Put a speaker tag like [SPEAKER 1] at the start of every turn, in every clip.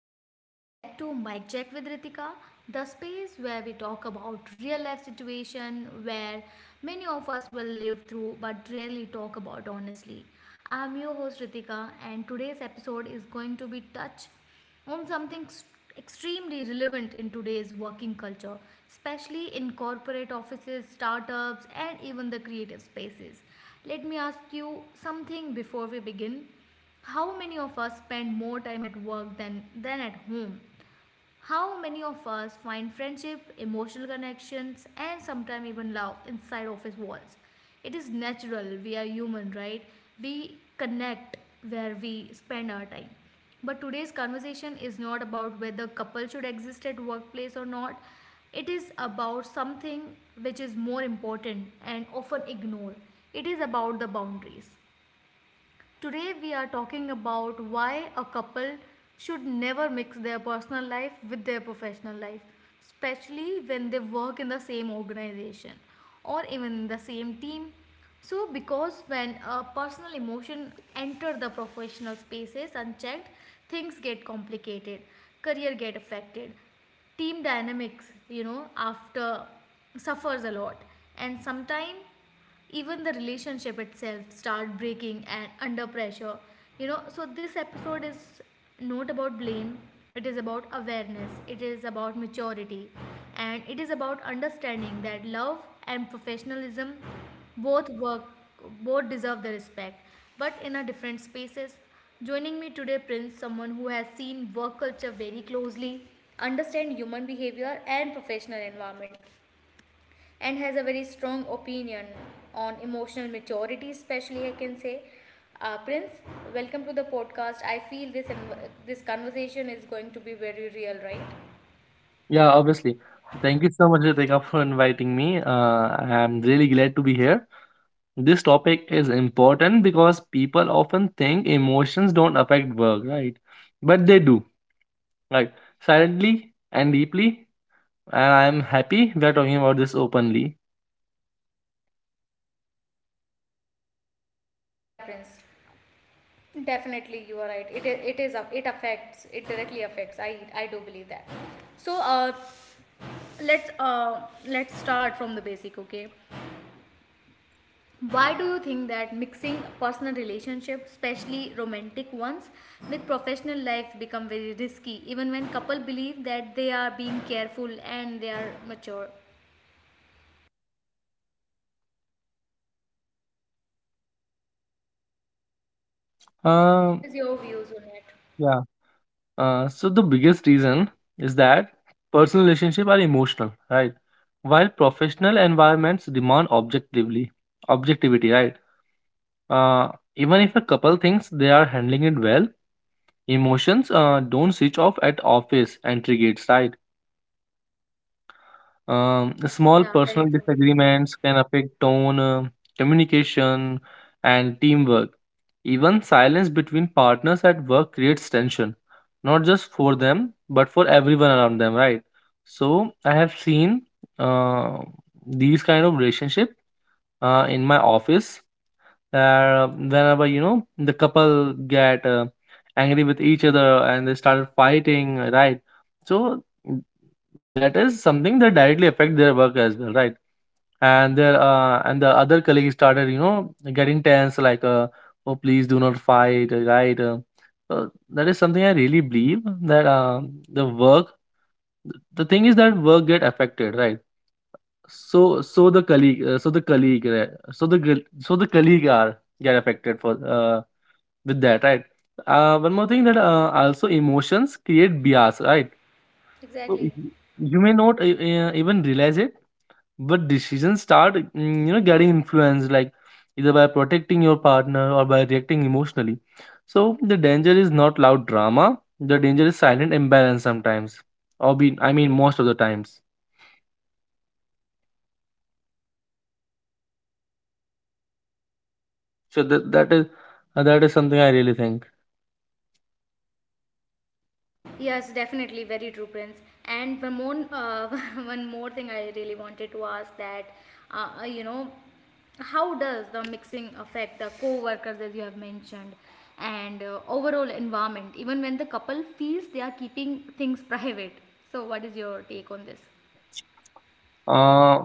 [SPEAKER 1] and welcome back to Mic Check with Ritika, the space where we talk about real life situation where many of us will live through but rarely talk about honestly. I'm your host Ritika, and today's episode is going to be touch on something extremely relevant in today's working culture, especially in corporate offices, startups, and even the creative spaces. Let me ask you something before we begin. How many of us spend more time at work than at home? How many of us find friendship, emotional connections, and sometimes even love inside office walls? It is natural, we are human, right? We connect where we spend our time. But today's conversation is not about whether couples should exist at workplace or not. It is about something which is more important and often ignored. It is about the boundaries. Today, we are talking about why a couple should never mix their personal life with their professional life, especially when they work in the same organization or even in the same team. So, because when a personal emotion enter the professional spaces unchecked, things get complicated, career get affected, team dynamics after suffers a lot, and sometimes even the relationship itself start breaking and under pressure. So this episode is not about blame. It is about awareness. It is about maturity. And it is about understanding that love and professionalism both work, both deserve the respect, but in a different spaces. Joining me today, Prince, someone who has seen work culture very closely, understand human behavior and professional environment, and has a very strong opinion on emotional maturity, especially, I can say. Prince, welcome to the podcast. I feel this conversation is going to be very real, right?
[SPEAKER 2] Yeah, obviously. Thank you so much, Ritika, for inviting me. I'm really glad to be here. This topic is important because people often think emotions don't affect work, right? But they do, right? Silently and deeply. And I'm happy we are talking about this openly.
[SPEAKER 1] So, yeah, Prince, definitely, you are right. It is, it affects, it directly affects. I do believe that. So uh let's uh let's start from the basic. Okay. Why do you think that mixing personal relationships, especially romantic ones, with professional life become very risky even when couple believe that they are being careful and they are mature? What
[SPEAKER 2] Um,
[SPEAKER 1] is your views on it?
[SPEAKER 2] yeah. So the biggest reason is that personal relationships are emotional, right? While professional environments demand objectivity, right? Uh, even if a couple thinks they are handling it well, emotions don't switch off at office entry gates, right? Small
[SPEAKER 1] Yeah,
[SPEAKER 2] personal
[SPEAKER 1] very true.
[SPEAKER 2] disagreements can affect tone, communication, and teamwork. Even silence between partners at work creates tension, not just for them, but for everyone around them, right? So I have seen uh, these kind of relationship in my office that whenever you know the couple get angry with each other and they start fighting, right? So that is something that directly affect their work as well, right? And their and the other colleague started you know getting tense like, oh, please do not fight, right. Uh, that is something I really believe that, the work the thing is that work get affected, right? So so the colleague so the colleague so the gr- so the colleague are get affected for, with that, right. One more thing that, also emotions create bias, right. So
[SPEAKER 1] Exactly.
[SPEAKER 2] you may not, even realize it, but decisions start, you know, getting influenced like either by protecting your partner or by reacting emotionally. So the danger is not loud drama. The danger is silent imbalance sometimes, or be, I mean, most of the times. So that is, that is something I really think.
[SPEAKER 1] Yes, definitely, very true, Prince. And one more, one more thing I really wanted to ask that, uh, uh, you know, how does the mixing affect the co-workers, as you have mentioned, and overall environment, even when the couple feels they are keeping things private? So, what is your take on this?
[SPEAKER 2] Uh,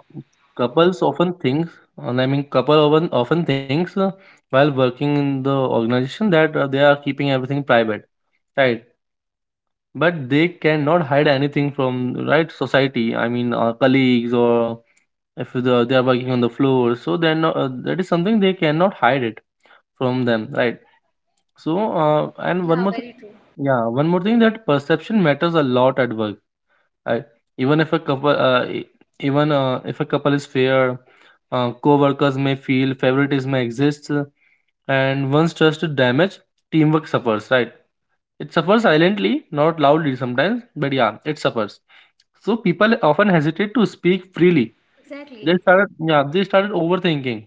[SPEAKER 2] couples often think, and I mean, couple often thinks, while working in the organization, that they are keeping everything private, right? But they cannot hide anything from right society. I mean, colleagues or if the, they are working on the floor, so then that is something they cannot hide it from them, right? So, and one
[SPEAKER 1] Yeah,
[SPEAKER 2] more thing,
[SPEAKER 1] very true.
[SPEAKER 2] yeah, one more thing, that perception matters a lot at work, uh, even if a couple, even if a couple is fair, co-workers may feel favoritism exists, and once trust is damaged, teamwork suffers. Right? It suffers silently, not loudly sometimes, but yeah, it suffers. So people often hesitate to speak freely. They
[SPEAKER 1] Exactly.
[SPEAKER 2] started, yeah, they started overthinking.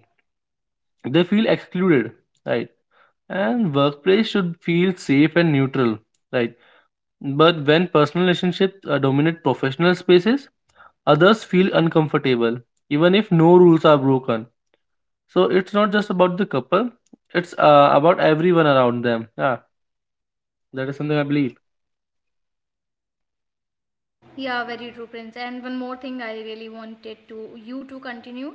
[SPEAKER 2] They feel excluded, right? And workplace should feel safe and neutral, right? But when personal relationships dominate professional spaces, others feel uncomfortable, even if no rules are broken. So it's not just about the couple, it's, about everyone around them. Yeah, that is something I believe.
[SPEAKER 1] Yeah, very true, Prince. And one more thing I really wanted to you to continue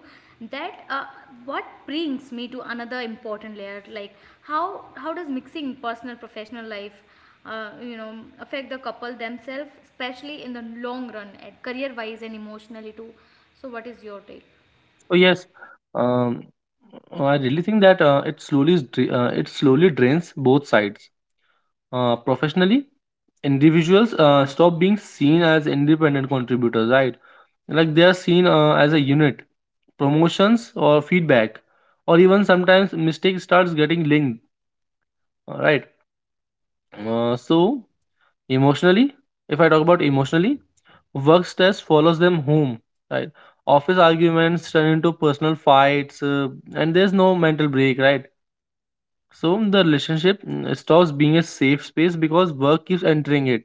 [SPEAKER 1] that what brings me to another important layer, like how does mixing personal professional life, uh, you know, affect the couple themselves, especially in the long run, at career wise and emotionally too. So, what is your take?
[SPEAKER 2] Oh, yes. Um, I really think that it slowly drains both sides. Professionally, individuals stop being seen as independent contributors, right? Like they are seen as a unit. Promotions or feedback, or even sometimes mistakes starts getting linked, right? So emotionally, if I talk about emotionally, work stress follows them home, right? Office arguments turn into personal fights, and there's no mental break, right? So the relationship, stops being a safe space because work keeps entering it,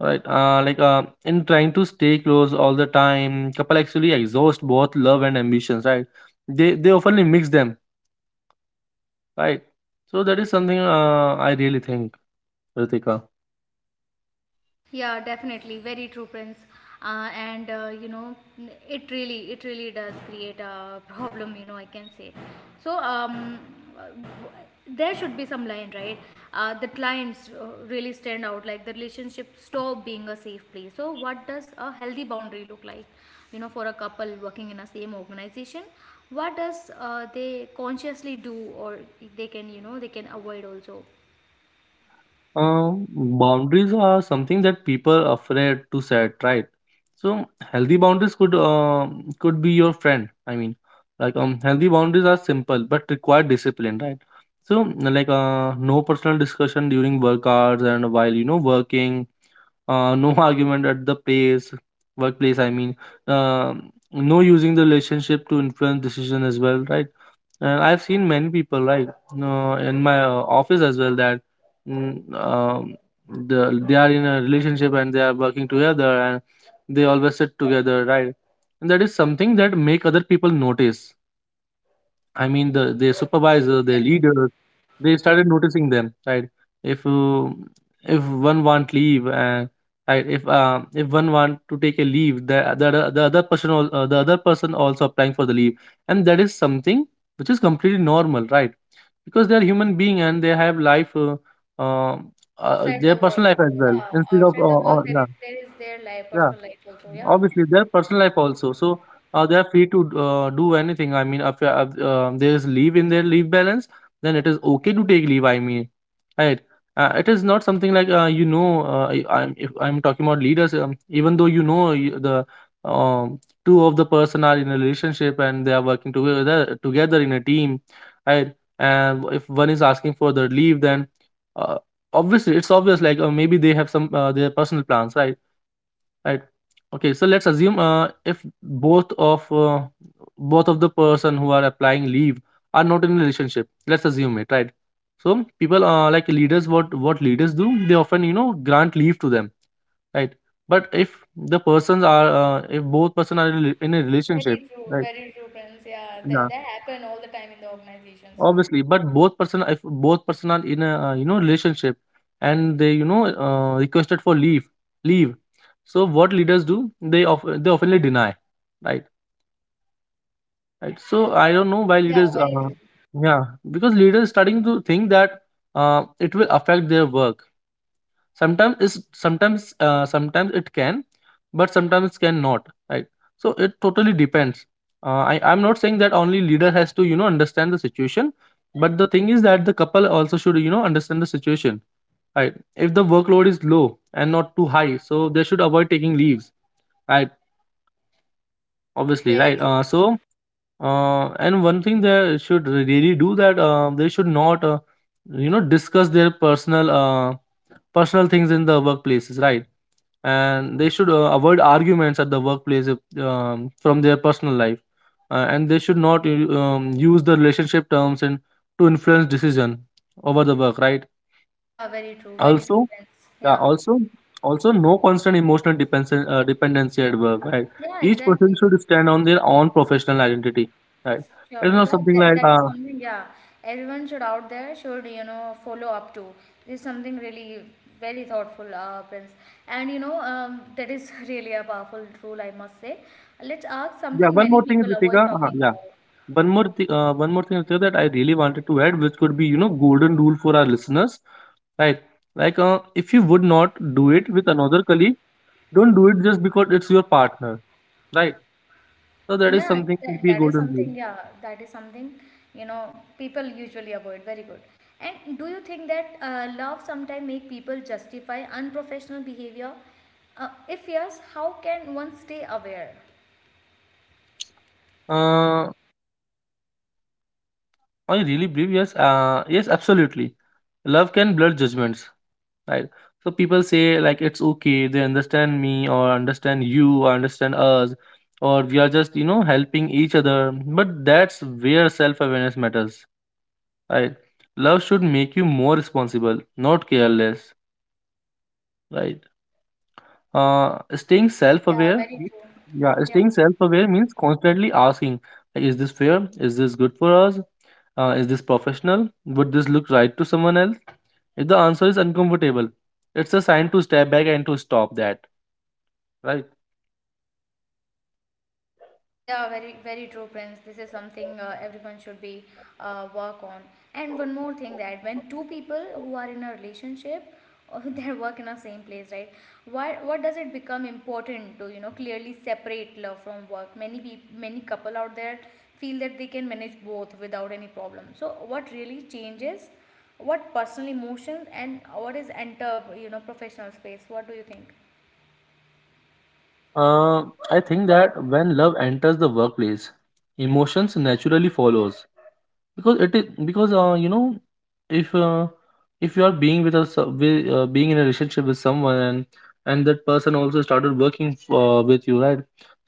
[SPEAKER 2] right? Like, in trying to stay close all the time, couple actually exhaust both love and ambitions, right? They often mix them, right? So that is something, I really think, Ritika.
[SPEAKER 1] Yeah, definitely. Very true, Prince. And you know, it really does create a problem. I can say. So, there should be some line, right? The clients really stand out. Like the relationship stop being a safe place. So what does a healthy boundary look like? For a couple working in a same organization, what does they consciously do, or they can avoid also.
[SPEAKER 2] Boundaries are something that people are afraid to set, right? So healthy boundaries could be your friend. I mean, like, healthy boundaries are simple but require discipline, right? So like, no personal discussion during work hours and while you know working, no argument at the place workplace. I mean, no using the relationship to influence decision as well, right? And I've seen many people, right, in my office as well that, mm, um, they are in a relationship and they are working together and they always sit together, right? And that is something that make other people notice. I mean, their supervisor, their
[SPEAKER 1] Exactly.
[SPEAKER 2] leader, they started noticing them, right. If, if one want leave, and right, if, if one want to take a leave, the other person, the other person also applying for the leave, and that is something which is completely normal, right? Because they are human being and they have life, uh,
[SPEAKER 1] Outside the
[SPEAKER 2] their
[SPEAKER 1] world,
[SPEAKER 2] personal life as well,
[SPEAKER 1] yeah.
[SPEAKER 2] instead of,
[SPEAKER 1] Outside the work, there
[SPEAKER 2] yeah.
[SPEAKER 1] is there is their life,
[SPEAKER 2] Yeah,
[SPEAKER 1] personal life also, yeah.
[SPEAKER 2] obviously, their personal life also. So, they are free to, do anything. I mean, if, there is leave in their leave balance, then it is okay to take leave. I mean, right? It is not something like, you know. I, I'm if I'm talking about leaders, even though you know, you, the um, two of the person are in a relationship and they are working together in a team, right? And if one is asking for the leave, then, uh, obviously it's obvious. Like, maybe they have some, their personal plans, right? Right. Okay, so let's assume, if both of both of the person who are applying leave are not in a relationship, let's assume it, right. So people, like leaders, what leaders do, they often you know grant leave to them, right. But if the persons are, if both person are in a relationship, right,
[SPEAKER 1] Very true, Prince. Yeah, that,
[SPEAKER 2] yeah,
[SPEAKER 1] that happen all the time in the organizations.
[SPEAKER 2] obviously. But both person, if both person are in a, you know, relationship, and they, you know, requested for leave, leave, so what leaders do, they often deny, right. Right. So I don't know why
[SPEAKER 1] Yeah,
[SPEAKER 2] leaders,
[SPEAKER 1] very true.
[SPEAKER 2] yeah, because leaders starting to think that it will affect their work. Sometimes it can, but sometimes can not. Right. So it totally depends. I'm not saying that only leader has to you know understand the situation, but the thing is that the couple also should you know understand the situation. Right. If the workload is low and not too high, so they should avoid taking leaves. Right. Obviously.
[SPEAKER 1] Very
[SPEAKER 2] Right.
[SPEAKER 1] true.
[SPEAKER 2] So, and one thing they should really do, that, they should not, you know, discuss their personal things in the workplaces, right? And they should, avoid arguments at the workplace if, from their personal life, and they should not use the relationship terms and to influence decision over the work, right.
[SPEAKER 1] Yeah, very true. Very true,
[SPEAKER 2] Also,
[SPEAKER 1] friends.
[SPEAKER 2] yeah,
[SPEAKER 1] Yeah.
[SPEAKER 2] also, also no constant emotional depends dependency at work. Right,
[SPEAKER 1] Yeah,
[SPEAKER 2] each person
[SPEAKER 1] exactly.
[SPEAKER 2] should stand on their own professional identity. Right, I
[SPEAKER 1] Sure.
[SPEAKER 2] don't know
[SPEAKER 1] Yeah,
[SPEAKER 2] something
[SPEAKER 1] that,
[SPEAKER 2] like,
[SPEAKER 1] that is something, yeah, everyone should out there should, follow up to. This is something really very thoughtful, Prince. That is really a powerful rule, I must say. Let's ask
[SPEAKER 2] yeah.
[SPEAKER 1] something
[SPEAKER 2] One
[SPEAKER 1] many
[SPEAKER 2] more thing,
[SPEAKER 1] people avoid
[SPEAKER 2] Ritika.
[SPEAKER 1] talking
[SPEAKER 2] Yeah,
[SPEAKER 1] about.
[SPEAKER 2] one more thing, Ritika, that I really wanted to add, which could be you know golden rule for our listeners. Right, like, if you would not do it with another colleague, don't do it just because it's your partner. Right, so that is
[SPEAKER 1] Yeah,
[SPEAKER 2] something could
[SPEAKER 1] that,
[SPEAKER 2] be a
[SPEAKER 1] that is
[SPEAKER 2] golden rule.
[SPEAKER 1] something, yeah, that is something, you know, people usually avoid. Very good. And do you think that love sometimes make people justify unprofessional behavior? If yes, how can one stay aware?
[SPEAKER 2] Uh, I really believe yes, yes, absolutely. Love can blur judgments, right? So people say like it's okay, they understand me or understand you or understand us, or we are just you know helping each other. But that's where self awareness matters, right? Love should make you more responsible, not careless, right? Staying self
[SPEAKER 1] Yeah,
[SPEAKER 2] aware,
[SPEAKER 1] very true.
[SPEAKER 2] yeah,
[SPEAKER 1] Yeah,
[SPEAKER 2] staying self aware means constantly asking, like, is this fair? Is this good for us? Is this professional? Would this look right to someone else? If the answer is uncomfortable, it's a sign to step back and to stop that, right?
[SPEAKER 1] yeah, very very true, Prince. This is something everyone should be work on. And one more thing that when two people who are in a relationship, they work in the same place, right? Why? What does it become important to clearly separate love from work? Many people, many couple out there feel that they can manage both without any problem. So what really changes? What personal emotions and what is enter professional space? What do you think?
[SPEAKER 2] Uh, I think that when love enters the workplace, emotions naturally follows, because it is because, you know, if, if you are being with us with, being in a relationship with someone, and that person also started working, with you, right?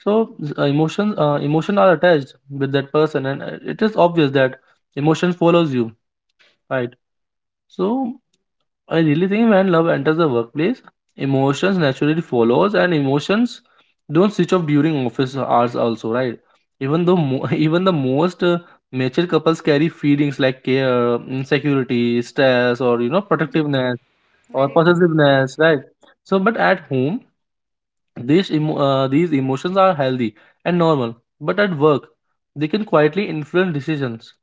[SPEAKER 2] So, emotion are attached with that person, and, it is obvious that emotion follows you. Right. So I really think, when love enters the workplace, emotions naturally follows, and emotions don't switch off during office hours also, right? Even the most, mature couples carry feelings like care, insecurity, stress, or you know
[SPEAKER 1] Very true.
[SPEAKER 2] protectiveness or
[SPEAKER 1] Very true.
[SPEAKER 2] possessiveness, right? So, but at home, these emotions are healthy and normal, but at work, they can quietly influence decisions,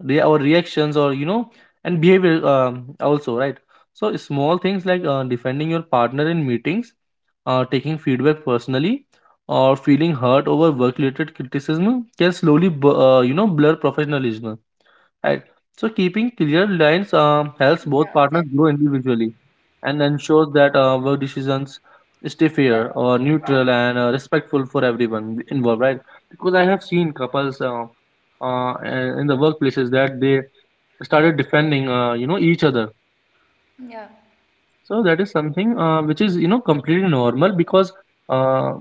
[SPEAKER 2] or reactions, or you know, and behavior, also, right? So small things like, defending your partner in meetings, taking feedback personally, or feeling hurt over work-related criticism can slowly, you know, blur professionalism. Right. So keeping clear lines helps both
[SPEAKER 1] Yeah,
[SPEAKER 2] partners
[SPEAKER 1] exactly.
[SPEAKER 2] grow individually and ensures that work decisions stay fair or neutral and respectful for everyone involved, right? Because I have seen couples in the workplaces that they started defending, you know, each other.
[SPEAKER 1] Yeah,
[SPEAKER 2] So that is something which is, you know, completely normal because uh,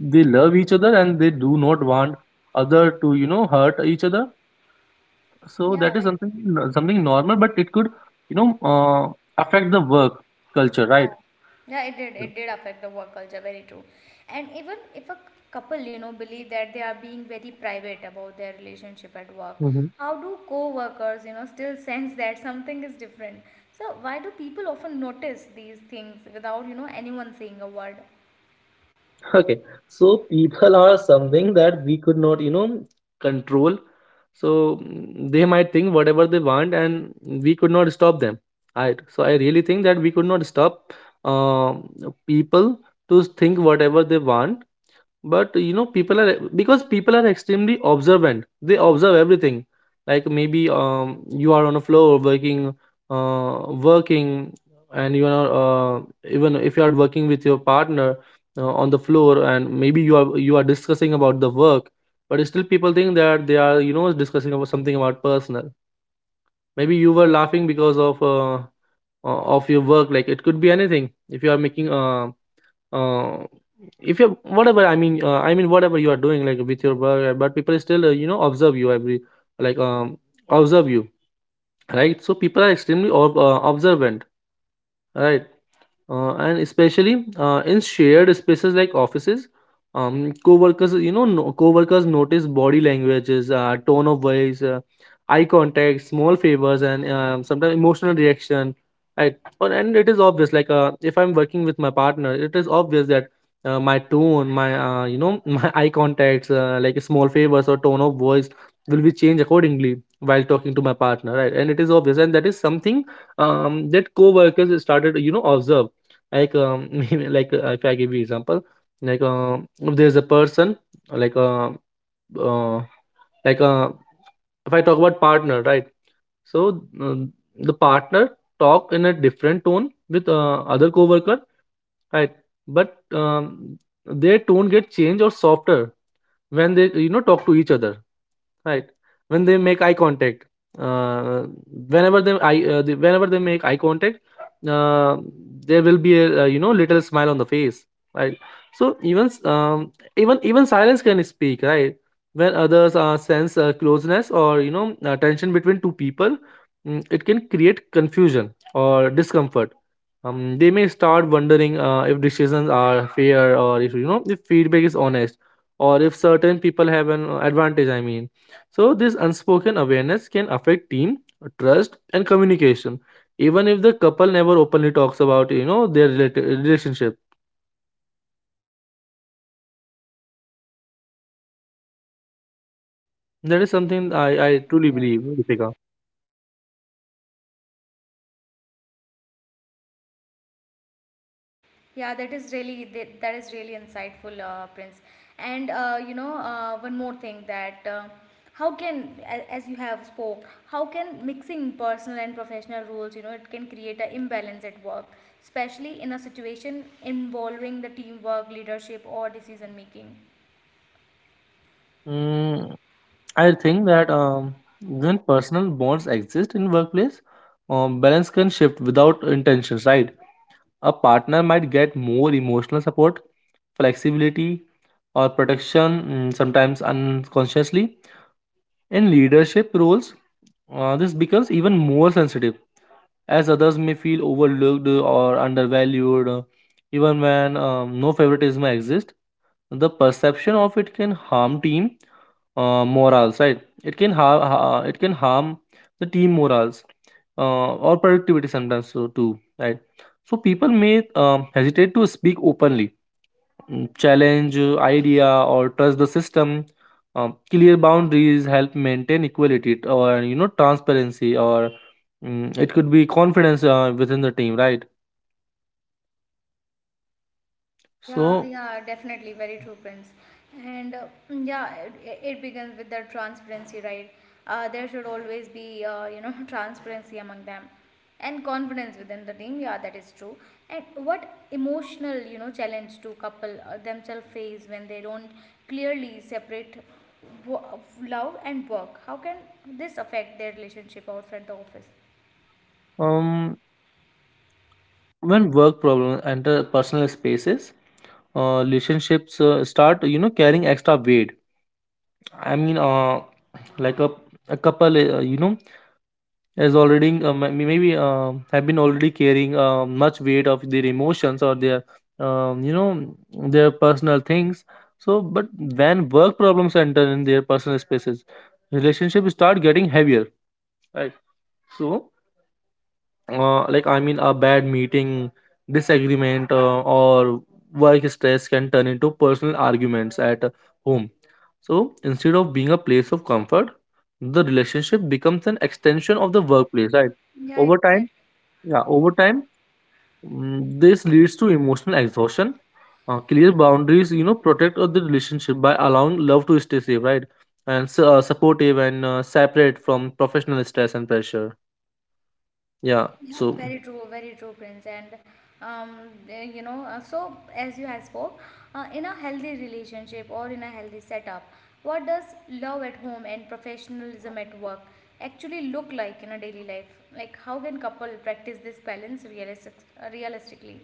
[SPEAKER 2] they love each other and they do not want other to, you know, hurt each other. So
[SPEAKER 1] yeah,
[SPEAKER 2] that is
[SPEAKER 1] very true.
[SPEAKER 2] something, something normal, but it could, you know, uh, affect the work culture, right?
[SPEAKER 1] Yeah, yeah. It did. It did affect the work culture. Very true. And even if a couple, believe that they are being very private about their relationship at work,
[SPEAKER 2] Hmm.
[SPEAKER 1] how do co-workers, still sense that something is different? So why do people often notice these things without, anyone saying a word?
[SPEAKER 2] Okay, so people are something that we could not, you know, control. So they might think whatever they want, and we could not stop them. Right. So I really think that we could not stop uh, people to think whatever they want. But you know, people are, because people are extremely observant, they observe everything. Like maybe you are on a floor working, and you are even if you are working with your partner on the floor, and maybe you are discussing about the work, but still people think that they are, you know, discussing about something about personal. Maybe you were laughing because of your work. Like it could be anything. If you are making uh, if you, whatever, i mean whatever you are doing, like with your work, but people still, you know, observe you every like um observe you. Right? So people are extremely observant, right? And especially in shared spaces like offices. Co-workers, you know, no, co-workers notice body languages, tone of voice, eye contact, small favors, and sometimes emotional reaction, right? Or, and it is obvious, like if I'm working with my partner, it is obvious that my tone, my you know my eye contacts, like small favors or tone of voice will be changed accordingly while talking to my partner, right? And it is obvious, and that is something that co-workers started, you know, observe. Like, maybe like if I give you example, like if there's a person, like uh, uh, like uh, if I talk about partner, right? So the partner talk in a different tone with other coworker, right? But their tone get changed or softer when they, you know, talk to each other. Right. When they make eye contact, uh, whenever they make eye contact, uh, there will be a, you know, little smile on the face, right? So even s- even even silence can speak, right? When others sense closeness or, you know, tension between two people, it can create confusion or discomfort. They may start wondering if decisions are fair, or if, you know, if feedback is honest, or if certain people have an advantage, I mean. So this unspoken awareness can affect team trust and communication, even if the couple never openly talks about, you know, their relationship. That is something I truly believe, Deepika.
[SPEAKER 1] Yeah, that is really that is really insightful, Prince. And one more thing that how can, as you have spoke, how can mixing personal and professional roles, it can create an imbalance at work, especially in a situation involving the teamwork, leadership, or decision making.
[SPEAKER 2] Mm, I think that when personal bonds exist in workplace, balance can shift without intentions, right? A partner might get more emotional support, flexibility, or protection, sometimes unconsciously. In leadership roles, this becomes even more sensitive as others may feel overlooked or undervalued, even when no favoritism exists. The perception of it can harm team morals, right? It can harm. It can harm the team morals or productivity sometimes so too, right? So people may hesitate to speak openly, challenge idea or trust the system. Clear boundaries help maintain equality, or you know, transparency, or it could be confidence within the team, right?
[SPEAKER 1] Yeah,
[SPEAKER 2] So
[SPEAKER 1] yeah, definitely, very true, Prince. And yeah, it begins with the transparency, right? There should always be, transparency among them and confidence within the team. Yeah, that is true. And what emotional, challenge do couple themselves face when they don't clearly separate wo- love and work? How can this affect their relationship outside the office?
[SPEAKER 2] um, when work problems enter personal spaces, relationships start, you know, carrying extra weight. I mean, like a couple, you know, is already maybe have been already carrying much weight of their emotions or their, you know, their personal things. So, but when work problems enter in their personal spaces, relationships start getting heavier, right? So, like I mean, a bad meeting, disagreement, or work stress can turn into personal arguments at home. So instead of being a place of comfort, the relationship becomes an extension of the workplace, right?
[SPEAKER 1] Yeah,
[SPEAKER 2] Over time,
[SPEAKER 1] exactly.
[SPEAKER 2] yeah, over time, this leads to emotional exhaustion. Clear boundaries, you know, protect the relationship by allowing love to stay safe, right? And supportive and separate from professional stress and pressure. Yeah,
[SPEAKER 1] Yeah,
[SPEAKER 2] so.
[SPEAKER 1] very true, Prince. And um, eh, you know, uh, so as you have spoke, in a healthy relationship or in a healthy setup, what does love at home and professionalism at work actually look like in a daily life? Like, how can couple practice this balance realistically?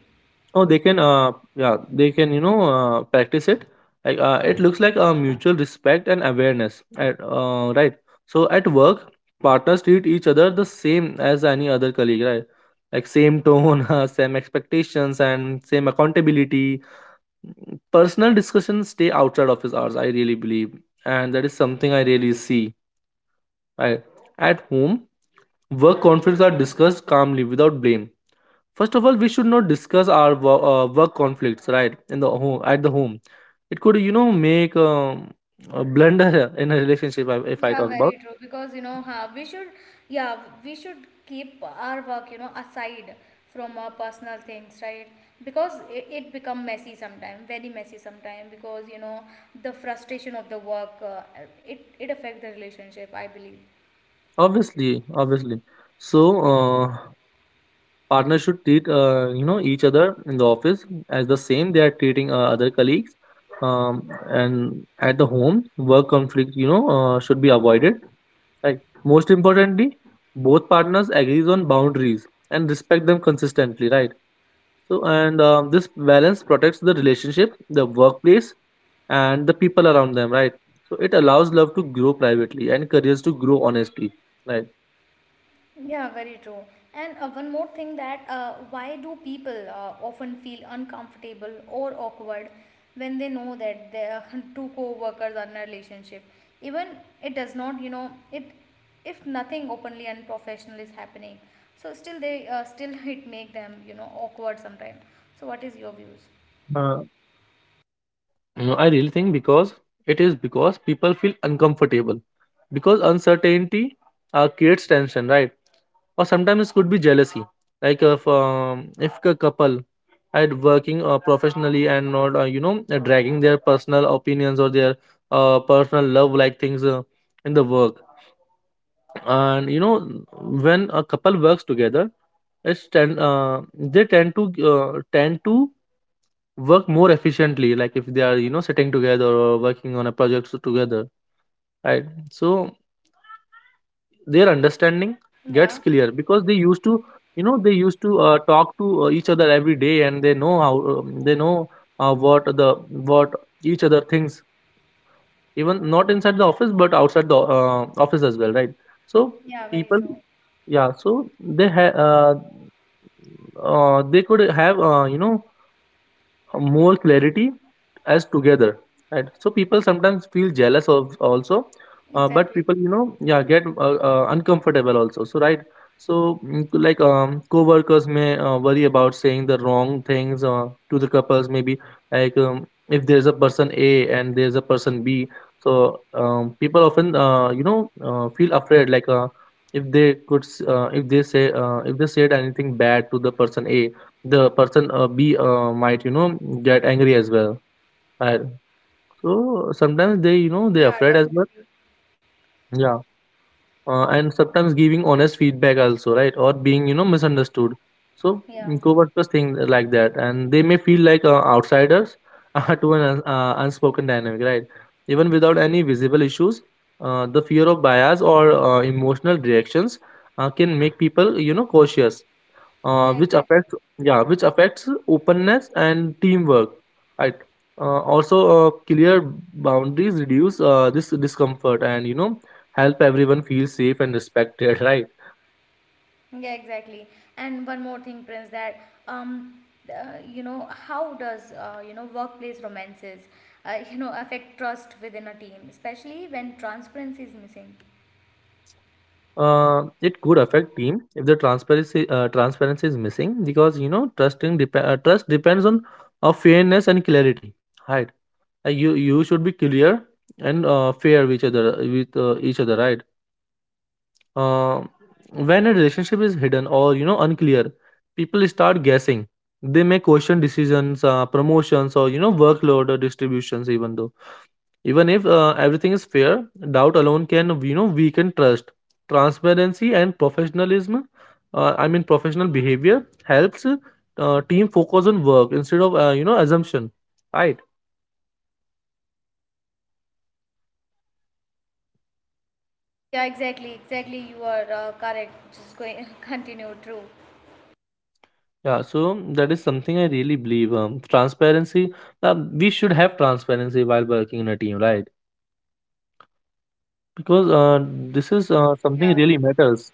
[SPEAKER 2] Oh, they can, yeah, they can, you know, practice it. Like, it looks like a mutual respect and awareness, at, right? So at work, partners treat each other the same as any other colleague, right? Like same tone, same expectations, and same accountability. Personal discussions stay outside office hours. I really believe, and that is something I really see. Right? At home, work conflicts are discussed calmly without blame. First of all, we should not discuss our work conflicts, right? In the home, at the home, it could, you know, make a blunder in a relationship. If I
[SPEAKER 1] Yeah,
[SPEAKER 2] talk about,
[SPEAKER 1] very true. Because we should, yeah, we should keep our work, aside from our personal things, right? Because it become messy sometimes, very messy sometimes. Because the frustration of the work, it affect the relationship, I believe.
[SPEAKER 2] obviously, obviously, so uh, partners should treat you know, each other in the office as the same they are treating other colleagues, um, and at the home, work conflict, you know, should be avoided. Right. Most importantly, both partners agrees on boundaries and respect them consistently, right? So, and this balance protects the relationship, the workplace, and the people around them, right? So, it allows love to grow privately and careers to grow honestly, right?
[SPEAKER 1] Yeah, very true. And one more thing that why do people often feel uncomfortable or awkward when they know that their two co-workers are in a relationship? Even it does not, you know, it if nothing openly unprofessional is happening, so still they still it make them, awkward sometimes. So what is your views?
[SPEAKER 2] Uh, you know, I really think, because it is because people feel uncomfortable because uncertainty creates tension, right? Or sometimes it could be jealousy. Like if a couple are working professionally, and not you know, dragging their personal opinions or their personal love like things in the work. And you know, when a couple works together, it's tend, they tend to tend to work more efficiently. Like if they are, you know, sitting together or working on a project together, right? So their understanding gets
[SPEAKER 1] Yeah,
[SPEAKER 2] clear because they used to, you know, they used to talk to each other every day, and they know how, they know uh, what the what each other thinks, even not inside the office but outside the office as well, right? So
[SPEAKER 1] yeah, very
[SPEAKER 2] people,
[SPEAKER 1] true.
[SPEAKER 2] yeah, so they they could have, you know, more clarity as together, right? So people sometimes feel jealous of also, but
[SPEAKER 1] Exactly.
[SPEAKER 2] people, you know, yeah, get uncomfortable also, so, right? So like co-workers may worry about saying the wrong things to the couples. Maybe like if there's a person A, and there's a person B. So people often you know, feel afraid, like if they if they say if they said anything bad to the person A, the person B might, you know, get angry as well. And so sometimes they, you know, they
[SPEAKER 1] Yeah,
[SPEAKER 2] afraid as well.
[SPEAKER 1] definitely.
[SPEAKER 2] Yeah, and sometimes giving honest feedback also, right? Or being, you know, misunderstood. So
[SPEAKER 1] Yeah,
[SPEAKER 2] co-workers think like that, and they may feel like outsiders to an unspoken dynamic, right? Even without any visible issues, the fear of bias or emotional reactions can make people, you know, cautious,
[SPEAKER 1] yeah,
[SPEAKER 2] which
[SPEAKER 1] exactly.
[SPEAKER 2] affects, yeah, which affects openness and teamwork, right? Also clear boundaries reduce this discomfort, and you know, help everyone feel safe and respected. Right.
[SPEAKER 1] Yeah, exactly. And one more thing, Prince, that um, how does workplace romances, affect trust within a team, especially when transparency is missing?
[SPEAKER 2] It could affect team if the transparency is missing because, you know, trust depends on fairness and clarity, right? You should be clear and fair with each other, with each other, right? Uh, when a relationship is hidden or, you know, unclear, people start guessing. They may question decisions, promotions, or, you know, workload or distributions. Even though, even if everything is fair, doubt alone can, you know, weaken trust. Transparency and professionalism, I mean, professional behavior, helps team focus on work instead of, you know, assumption. Right.
[SPEAKER 1] Yeah, exactly, exactly. You are correct. Just going continue. True.
[SPEAKER 2] Yeah, so that is something I really believe. Transparency. We should have transparency while working in a team, right? Because this is something
[SPEAKER 1] Yeah.
[SPEAKER 2] really matters.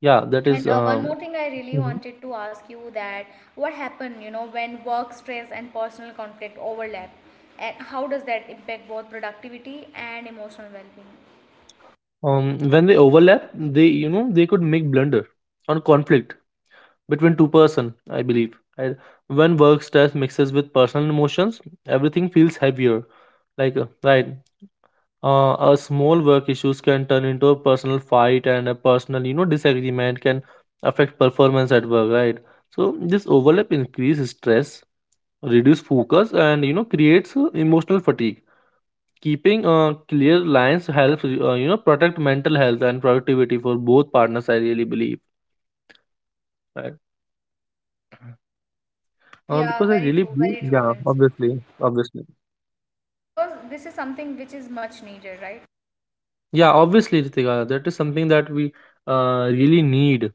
[SPEAKER 2] Yeah, that is
[SPEAKER 1] And one more thing I really
[SPEAKER 2] Mhm.
[SPEAKER 1] wanted to ask you that what happened, when work stress and personal conflict overlap, and how does that impact both productivity and emotional well-being?
[SPEAKER 2] um when they overlap, they, you know, they could make blunder on conflict between two person, I believe. And when work stress mixes with personal emotions, everything feels heavier. Like right, a small work issues can turn into a personal fight, and a personal, you know, disagreement can affect performance at work, right? So this overlap increases stress, reduce focus, and, you know, creates emotional fatigue. Keeping clear lines helps, you know, protect mental health and productivity for both partners, I really believe, right?
[SPEAKER 1] Yeah,
[SPEAKER 2] Because I really believe,
[SPEAKER 1] very true,
[SPEAKER 2] yeah,
[SPEAKER 1] Prince.
[SPEAKER 2] obviously, obviously,
[SPEAKER 1] Yeah, because this is something which is much needed, right?
[SPEAKER 2] yeah, obviously Ritika, that is something that we really need.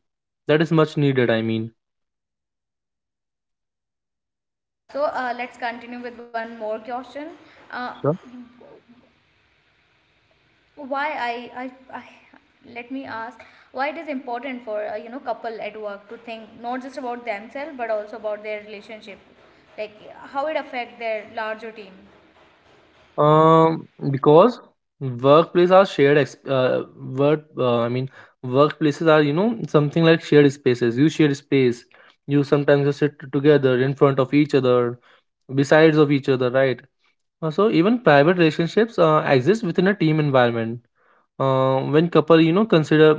[SPEAKER 2] That is much needed, I mean.
[SPEAKER 1] Yeah, so let's continue with one more question. Uh, why I, I i let me ask why it is important for couple at work to think not just about themselves but also about their relationship, like how it affect their larger team.
[SPEAKER 2] Because workplace are shared exp- work I mean, workplaces are, you know, something like shared spaces. You share space. You sometimes, you sit together in front of each other, besides of each other, right? So even private relationships exist within a team environment. Uh, when couple you know consider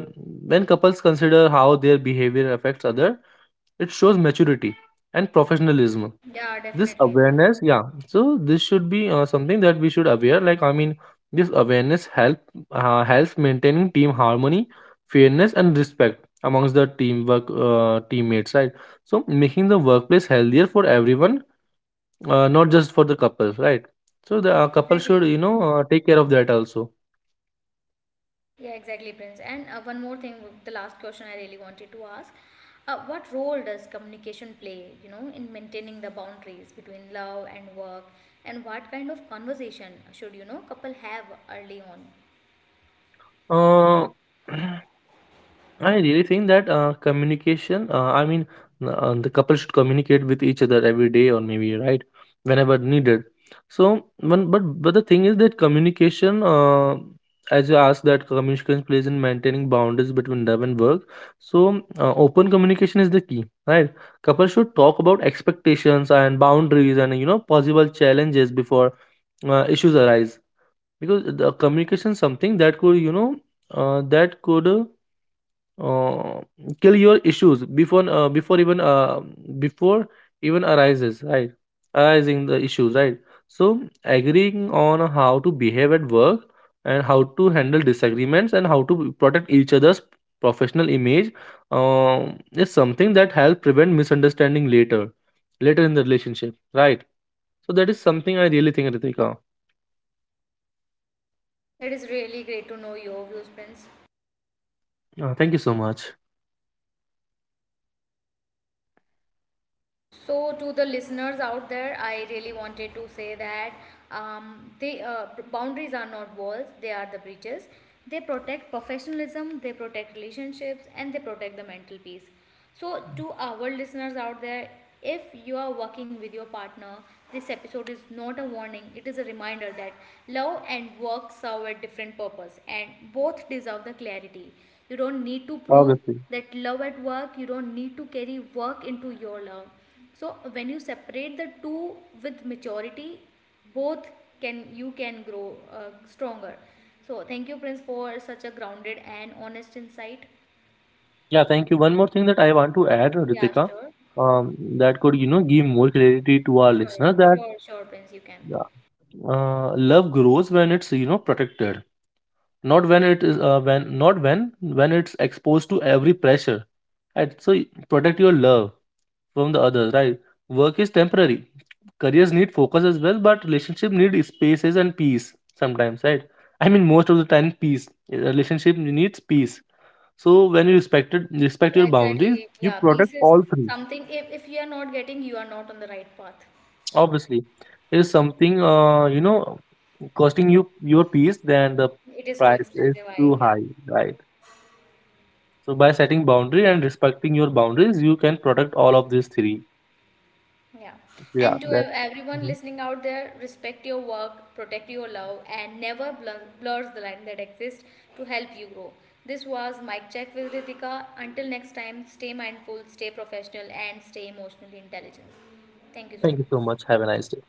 [SPEAKER 2] when couples consider how their behavior affects other, it shows maturity and professionalism.
[SPEAKER 1] Yeah,
[SPEAKER 2] This
[SPEAKER 1] definitely.
[SPEAKER 2] awareness, yeah. So this should be something that we should aware. Like I mean, this awareness helps maintaining team harmony, fairness, and respect amongst the teamwork teammates, right? So making the workplace healthier for everyone, not just for the couple, right? So the couple
[SPEAKER 1] Exactly.
[SPEAKER 2] should, you know, take care of that also.
[SPEAKER 1] Yeah, exactly, Prince. And one more thing, the last question I really wanted to ask. What role does communication play, in maintaining the boundaries between love and work? And what kind of conversation should, couple have early on?
[SPEAKER 2] Uh, I really think that communication, I mean, the couple should communicate with each other every day or maybe, right, whenever needed. So, one, but the thing is that communication, as you asked, that communication plays in maintaining boundaries between love and work. So, open communication is the key, right? Couples should talk about expectations and boundaries and, you know, possible challenges before issues arise, because the communication is something that could, you know, that could. Uh, kill your issues before, before even arises, right? Arising the issues, right? So agreeing on how to behave at work, and how to handle disagreements, and how to protect each other's professional image, is something that helps prevent misunderstanding later in the relationship, right? So that is something I really think, Ritika.
[SPEAKER 1] It is really great to know your views, Prince.
[SPEAKER 2] Thank you so much.
[SPEAKER 1] So, to the listeners out there, I really wanted to say that the boundaries are not walls; they are the bridges. They protect professionalism, they protect relationships, and they protect the mental peace. So, to our listeners out there, if you are working with your partner, this episode is not a warning; it is a reminder that love and work serve a different purpose, and both deserve the clarity. You don't need to prove
[SPEAKER 2] Obviously.
[SPEAKER 1] that love at work, you don't need to carry work into your love. So when you separate the two with maturity, both can grow stronger. So thank you, Prince, for such a grounded and honest insight.
[SPEAKER 2] Yeah, thank you. One more thing that I want to add,
[SPEAKER 1] Yeah,
[SPEAKER 2] Ritika,
[SPEAKER 1] sure.
[SPEAKER 2] that could, you know, give more clarity to our
[SPEAKER 1] Sure.
[SPEAKER 2] listeners that
[SPEAKER 1] Sure. Sure, Prince, you can.
[SPEAKER 2] uh, love grows when it's, you know, protected, not when it is, when, not when, when it's exposed to every pressure. Right? So protect your love from the others, right? Work is temporary. Careers need focus as well, but relationship need spaces and peace sometimes, right? I mean, most of the time, peace. A relationship needs peace. So when you respect your
[SPEAKER 1] Exactly.
[SPEAKER 2] boundaries, you
[SPEAKER 1] Yeah,
[SPEAKER 2] protect
[SPEAKER 1] peace is
[SPEAKER 2] all three.
[SPEAKER 1] something. If you are not getting, you are not on the right path.
[SPEAKER 2] Obviously, is something, you know, costing you your peace, then the
[SPEAKER 1] It is too
[SPEAKER 2] price is
[SPEAKER 1] expensive. I
[SPEAKER 2] too
[SPEAKER 1] Yeah.
[SPEAKER 2] high, right? So by setting boundary and respecting your boundaries, you can protect all of these three.
[SPEAKER 1] Yeah.
[SPEAKER 2] Yeah,
[SPEAKER 1] And to
[SPEAKER 2] that.
[SPEAKER 1] everyone
[SPEAKER 2] Mhm.
[SPEAKER 1] listening out there, respect your work, protect your love, and never blurs the line that exists to help you grow. This was Mic Check with Ritika. Until next time, stay mindful, stay professional, and stay emotionally intelligent. Thank you so
[SPEAKER 2] Thank you so
[SPEAKER 1] much.
[SPEAKER 2] much. Have a nice day.